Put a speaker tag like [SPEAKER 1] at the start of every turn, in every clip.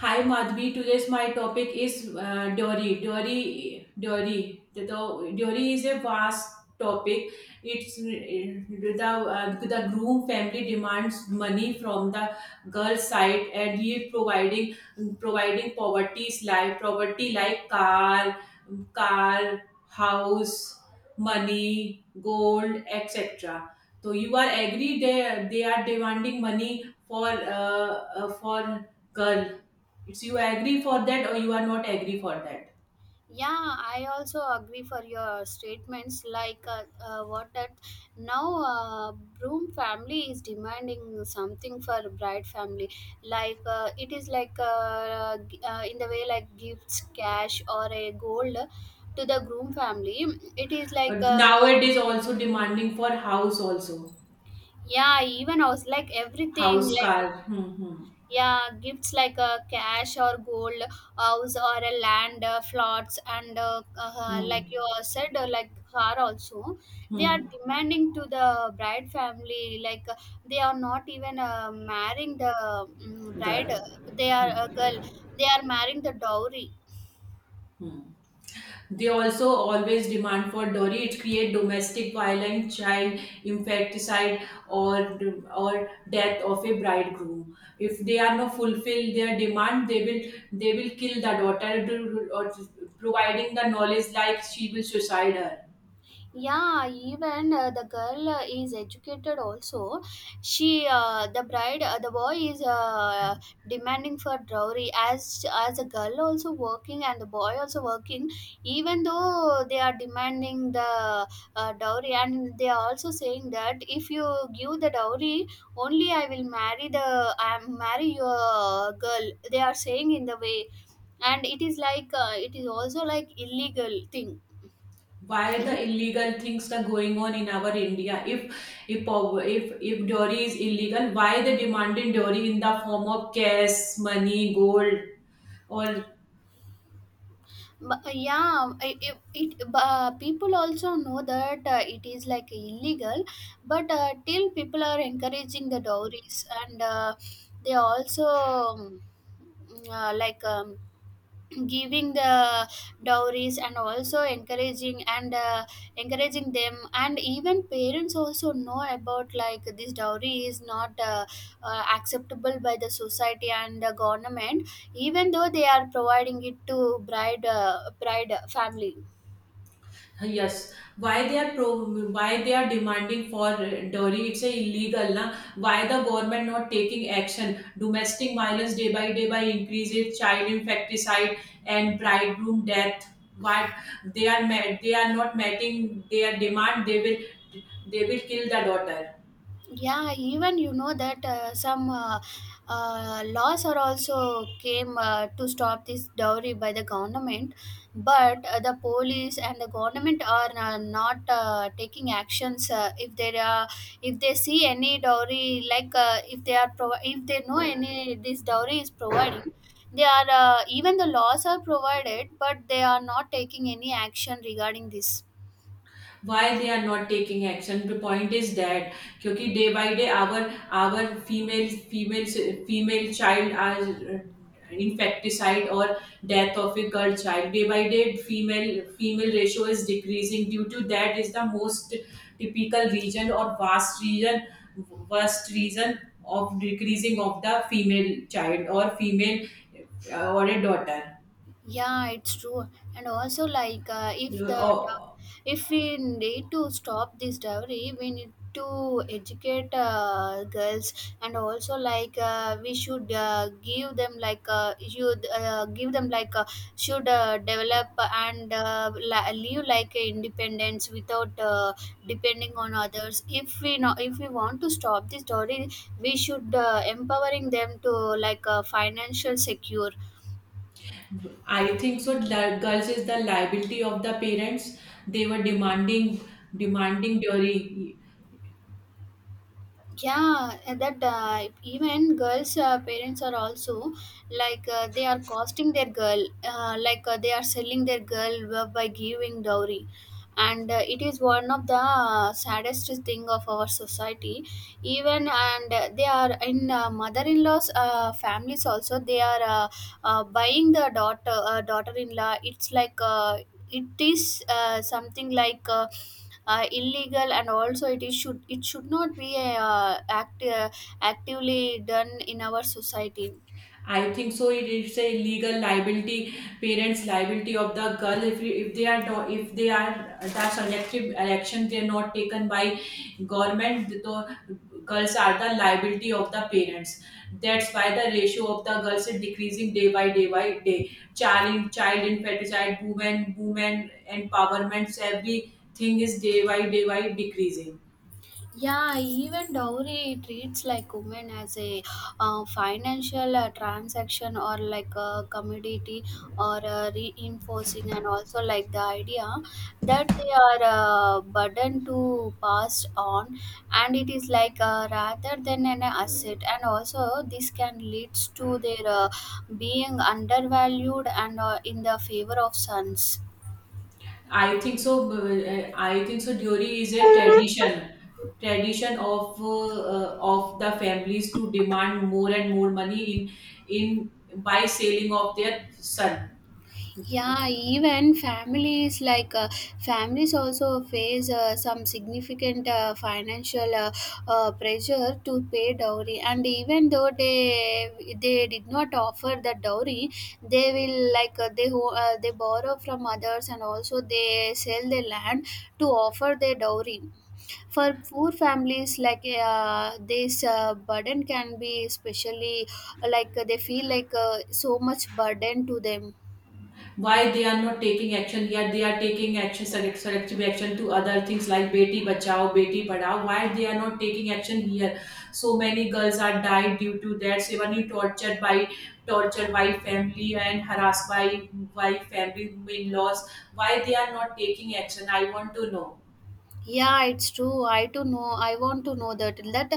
[SPEAKER 1] Hi Madhvi, today's my topic is dowry. Dowry. The dowry is a vast topic. It's the groom family demands money from the girl side, and he providing poverty like property like car, house, money, gold, etc. So you are agree they are demanding money for girl, it's you agree for that or you are not agree for that.
[SPEAKER 2] Yeah, I also agree for your statements, like, what that now, broom family is demanding something for bride family. Like, it is like, in the way, like gifts, cash, or a gold to the groom family. It is like
[SPEAKER 1] But nowadays also demanding for house also.
[SPEAKER 2] yeah, even I was like everything,
[SPEAKER 1] House,
[SPEAKER 2] like,
[SPEAKER 1] car.
[SPEAKER 2] yeah, gifts like, cash or gold, house or a land, plots, and like
[SPEAKER 1] Hmm,
[SPEAKER 2] you all said, like car also. They are
[SPEAKER 1] hmm.
[SPEAKER 2] demanding to the bride family, like they are not even marrying the bride,
[SPEAKER 1] Girl.
[SPEAKER 2] they are a
[SPEAKER 1] Hmm,
[SPEAKER 2] girl, they are marrying the dowry.
[SPEAKER 1] hmm. They also always demand for dowry. It create domestic violence, child infanticide, or or death of a bridegroom. If they are not fulfill their demand, they will kill the daughter, or providing the knowledge like she will suicide her.
[SPEAKER 2] Yeah, even the girl is educated also. She, the bride, the boy is demanding for dowry, as the girl also working and the boy also working. Even though they are demanding the dowry, and they are also saying that if you give the dowry, only I will marry the I marry your girl, they are saying in the way. And it is like, it is also like illegal thing.
[SPEAKER 1] Why the illegal things are going on in our India? If if dowry is illegal, why they demanding dowry in the form of cash, money, gold, or
[SPEAKER 2] But, yeah, it people also know that it is like illegal, but till people are encouraging the dowries, and they also like, giving the dowries, and also encouraging, and encouraging them. And even parents also know about, like, this dowry is not acceptable by the society and the government, even though they are providing it to bride family.
[SPEAKER 1] yes? Why they are demanding for dowry? It's a illegal, na? Why the government not taking action? Domestic violence day by day by increases, child infanticide and bridegroom death. Why they are ma- They are not meeting their demand? They will kill the daughter.
[SPEAKER 2] Yeah, even you know that some laws are also came to stop this dowry by the government. But the police and the government are not taking actions. If there are, if they see any dowry, like if they know any this dowry is providing, they are even the laws are provided, but they are not taking any action regarding this.
[SPEAKER 1] Why they are not taking action? The point is that क्योंकि day by day our female female female child are uh, infecticide or death of a girl child. Day by day female ratio is decreasing, due to that is the most typical region or vast region, worst reason of decreasing of the female child or female or a daughter.
[SPEAKER 2] Yeah, it's true. And also, like,
[SPEAKER 1] Uh,
[SPEAKER 2] if we need to stop this dowry, we need to educate girls, and also like we should give them, like, you give them like should develop and live like a independence without depending on others. If we want to stop this dowry, we should empowering them to, like financial secure.
[SPEAKER 1] I think so. Li- Girls is the liability of the parents. They were demanding dowry.
[SPEAKER 2] Yeah, and that even girls parents are also, like, they are costing their girl, like they are selling their girl by giving dowry. And it is one of the saddest thing of our society. Even and they are in mother-in-law's families also, they are buying the daughter, daughter-in-law. It's like it is something like illegal. And also it is should, it should not be actively done in our society.
[SPEAKER 1] I think so. It is a legal liability, parents' liability of the girl. If they are if they are the selective action they are not taken by government. So girls are the liability of the parents. That's why the ratio of the girls is decreasing day by day by day. Child infanticide, women empowerments, everything is day by day by decreasing.
[SPEAKER 2] Yeah, even dowry treats like women as a financial transaction or like a commodity, or reinforcing, and also like the idea that they are burden to pass on, and it is like, rather than an asset. And also this can leads to their being undervalued and in the favor of sons.
[SPEAKER 1] I think so. Dury is a tradition, tradition of the families to demand more and more money in by selling of their son.
[SPEAKER 2] Yeah, even families, like, families also face some significant financial pressure to pay dowry. And even though they did not offer the dowry, they will, like they borrow from others, and also they sell their land to offer their dowry. For poor families, like this burden can be especially like they feel like so much burden to them.
[SPEAKER 1] Why they are not taking action yet? They are taking action selective action to other things like beti bachao beti padhao. Why they are not taking action here? So many girls are died due to that, so many tortured by family and harassed by family in-laws. Why they are not taking action? I want to know.
[SPEAKER 2] Yeah, it's true. I want to know that.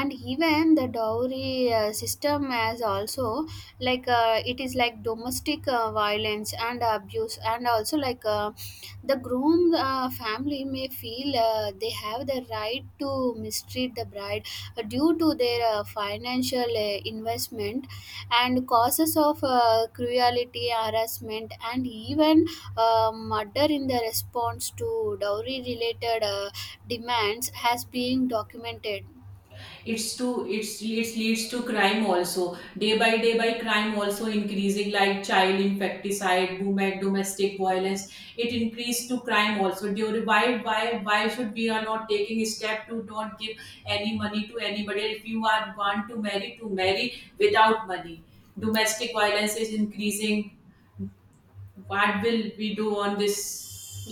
[SPEAKER 2] And even the dowry system, as also like it is like domestic violence and abuse. And also like the groom family may feel they have the right to mistreat the bride, due to their financial investment. And causes of cruelty, harassment, and even murder in the response to dowry related demands has been documented.
[SPEAKER 1] It's to it's it leads to crime also, day by day by crime also increasing, like child infanticide boom at domestic violence. It increased to crime also. Why why should we are not taking a step to not give any money to anybody? If you are want to marry without money, domestic violence is increasing. What will we do on this?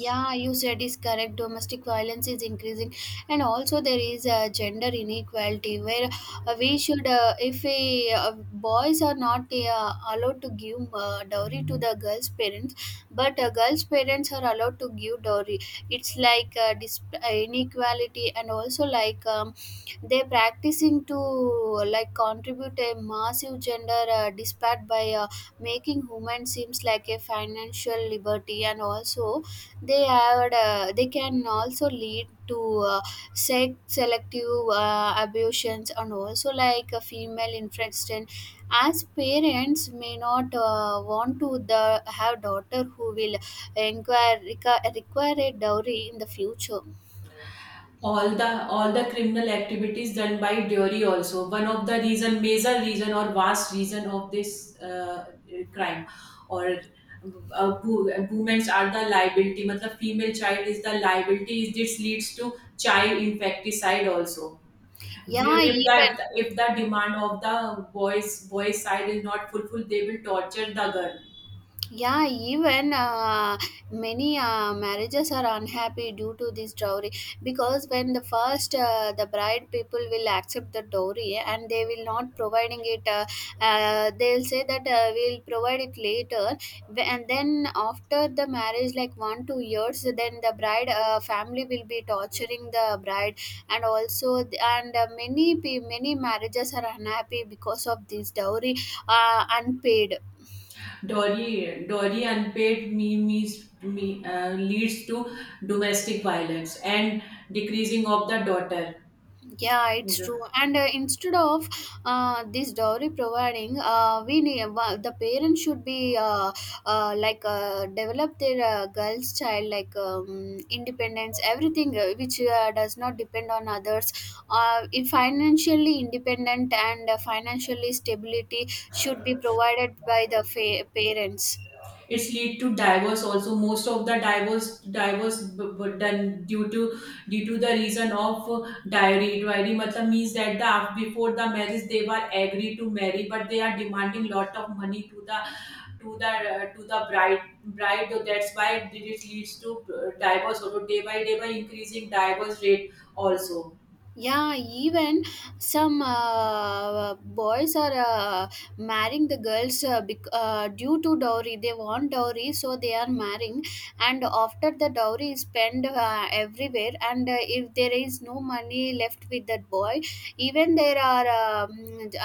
[SPEAKER 2] Yeah, you said is correct. Domestic violence is increasing, and also there is a gender inequality where we should if we, boys are not allowed to give dowry to the girls parents, but girls parents are allowed to give dowry. It's like inequality. And also like they're practicing to, like, contribute a massive gender disparate by making women seems like a financial liberty. And also they can also lead to sex selective abortions, and also like a female infection. As parents may not want to the have daughter who will require a dowry in the future.
[SPEAKER 1] All the all the criminal activities done by Dury also, one of the reason, major reason or vast reason of this crime or women's are the liability, matlab female child is the liability, this leads to child infanticide also.
[SPEAKER 2] Yeah,
[SPEAKER 1] If the
[SPEAKER 2] even.
[SPEAKER 1] if the demand of the boys side is not fulfilled, they will torture the girl.
[SPEAKER 2] Yeah, even many marriages are unhappy due to this dowry, because when the first, the bride people will accept the dowry and they will not providing it. They'll say that we'll provide it later. And then after the marriage, like 1-2 years, then the bride family will be torturing the bride, and also th- and many marriages are unhappy because of this dowry unpaid.
[SPEAKER 1] Dowry, dowry unpaid means leads to domestic violence and decreasing of the daughter.
[SPEAKER 2] Yeah, it's true. And instead of this dowry providing, the parents should be like develop their girl's child, like independence, everything which does not depend on others. If financially independent, and financially stability should be provided by the parents.
[SPEAKER 1] It's lead to divorce also. Most of the divorce done due to due to the reason of diary matlab means that before the marriage they were agreed to marry, but they are demanding lot of money to the to the to the bride, so that's why it leads to divorce also. Day by day by increasing divorce rate also.
[SPEAKER 2] Yeah, even some boys are marrying the girls due to dowry, they want dowry, so they are marrying. And after the dowry is spent everywhere, and if there is no money left with that boy, even there are um,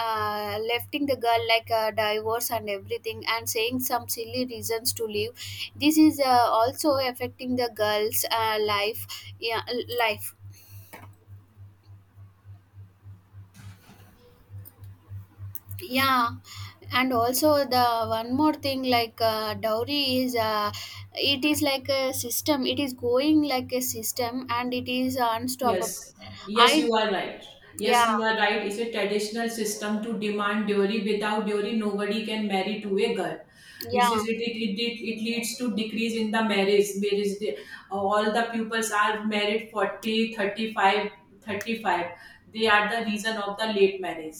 [SPEAKER 2] uh, lefting the girl, like divorce and everything, and saying some silly reasons to leave. This is also affecting the girls life. Yeah. Life. Yeah. And also, the one more thing, like dowry is it is like a system, it is going like a system, and it is unstoppable.
[SPEAKER 1] Yes, yes,
[SPEAKER 2] I.
[SPEAKER 1] you are right.
[SPEAKER 2] Yeah.
[SPEAKER 1] Yes, you are right. It's a traditional system to demand dowry. Without dowry, nobody can marry to a girl. It's,
[SPEAKER 2] Yeah.
[SPEAKER 1] it's- it, it, it, it, it leads to decrease in the marriage. Marriage day. All the pupils are married 40, 35, 35. They are the reason of the late marriage.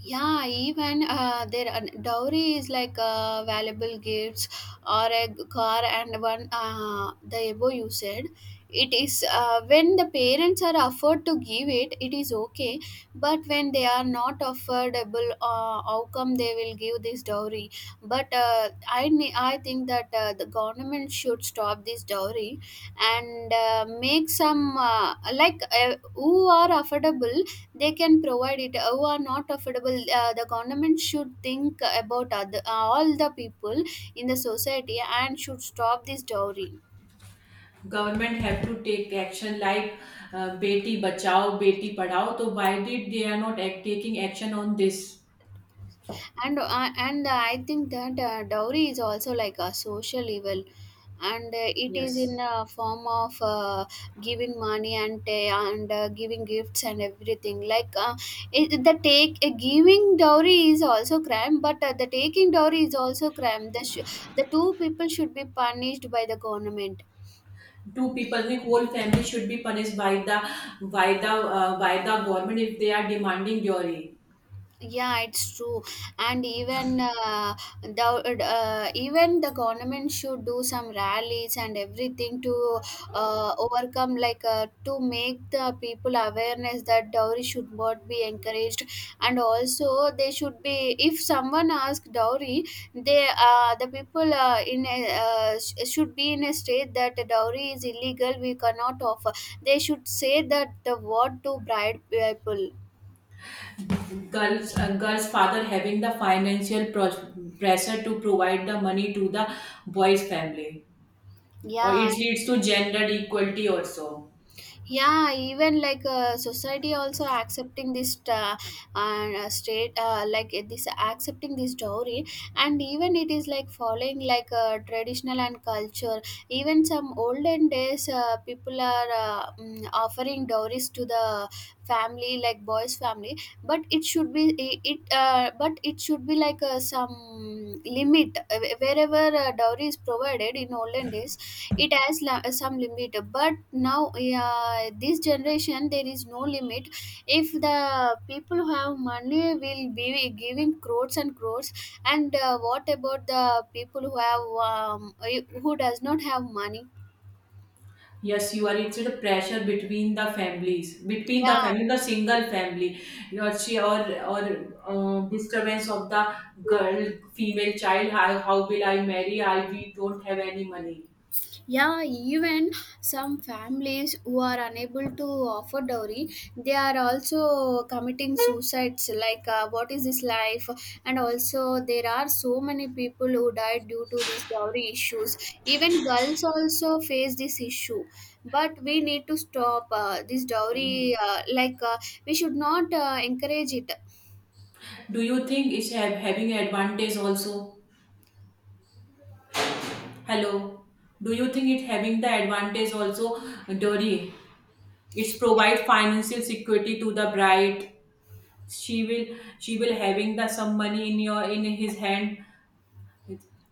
[SPEAKER 2] Yeah, even their dowry is like valuable gifts, or car, and one, the above you said. It is when the parents are offered to give it, it is okay. But when they are not affordable, how come they will give this dowry? But I think that the government should stop this dowry, and make some like who are affordable, they can provide it. Who are not affordable, the government should think about all the people in the society, and should stop this dowry.
[SPEAKER 1] Government have to take action like Beti Bachao, Beti Padhao. So why did they are not taking action on this?
[SPEAKER 2] And I think that dowry is also like a social evil, and it is in
[SPEAKER 1] Yes.
[SPEAKER 2] a form of giving money, and giving gifts and everything, like it, the take giving dowry is also crime, but the taking dowry is also crime. The two people should be punished by the government.
[SPEAKER 1] Two people, the whole family should be punished by the by the by the government if they are demanding dowry.
[SPEAKER 2] Yeah, it's true. And even the even the government should do some rallies and everything to overcome, like to make the people awareness that dowry should not be encouraged. And also they should be, if someone asks dowry, the people in a, should be in a state that dowry is illegal, we cannot offer. They should say that the word to bride people.
[SPEAKER 1] Girls girls father having the financial pressure to provide the money to the boys family, or
[SPEAKER 2] Yeah.
[SPEAKER 1] it leads to gender equality also.
[SPEAKER 2] Yeah, even like society also accepting this state, like this accepting this dowry. And even it is like following, like traditional and culture. Even some olden days people are offering dowries to the family, like boys family. But it should be like, some limit, wherever dowry is provided in olden days, it has some limit. But now, yeah, this generation there is no limit. If the people who have money will be giving crores and crores, and what about the people who have, who does not have money?
[SPEAKER 1] Yes, you are, it's the pressure between the families, between the
[SPEAKER 2] Yeah.
[SPEAKER 1] family the single family or she or disturbance of the girl female child. How will I marry? I we don't have any money.
[SPEAKER 2] Yeah, even some families who are unable to offer dowry, they are also committing suicides. Like, what is this life? And also, there are so many people who died due to these dowry issues. Even girls also face this issue. But we need to stop this dowry. Like, we should not encourage it.
[SPEAKER 1] Do you think it's have, having advantage also? Hello. Do you think it having the advantage also, Dory? It's provide financial security to the bride. She will having the some money in your in his hand.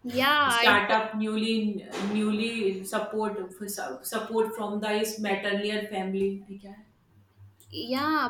[SPEAKER 2] Yeah, it.
[SPEAKER 1] Startup newly support from the his maternal family.
[SPEAKER 2] Yeah,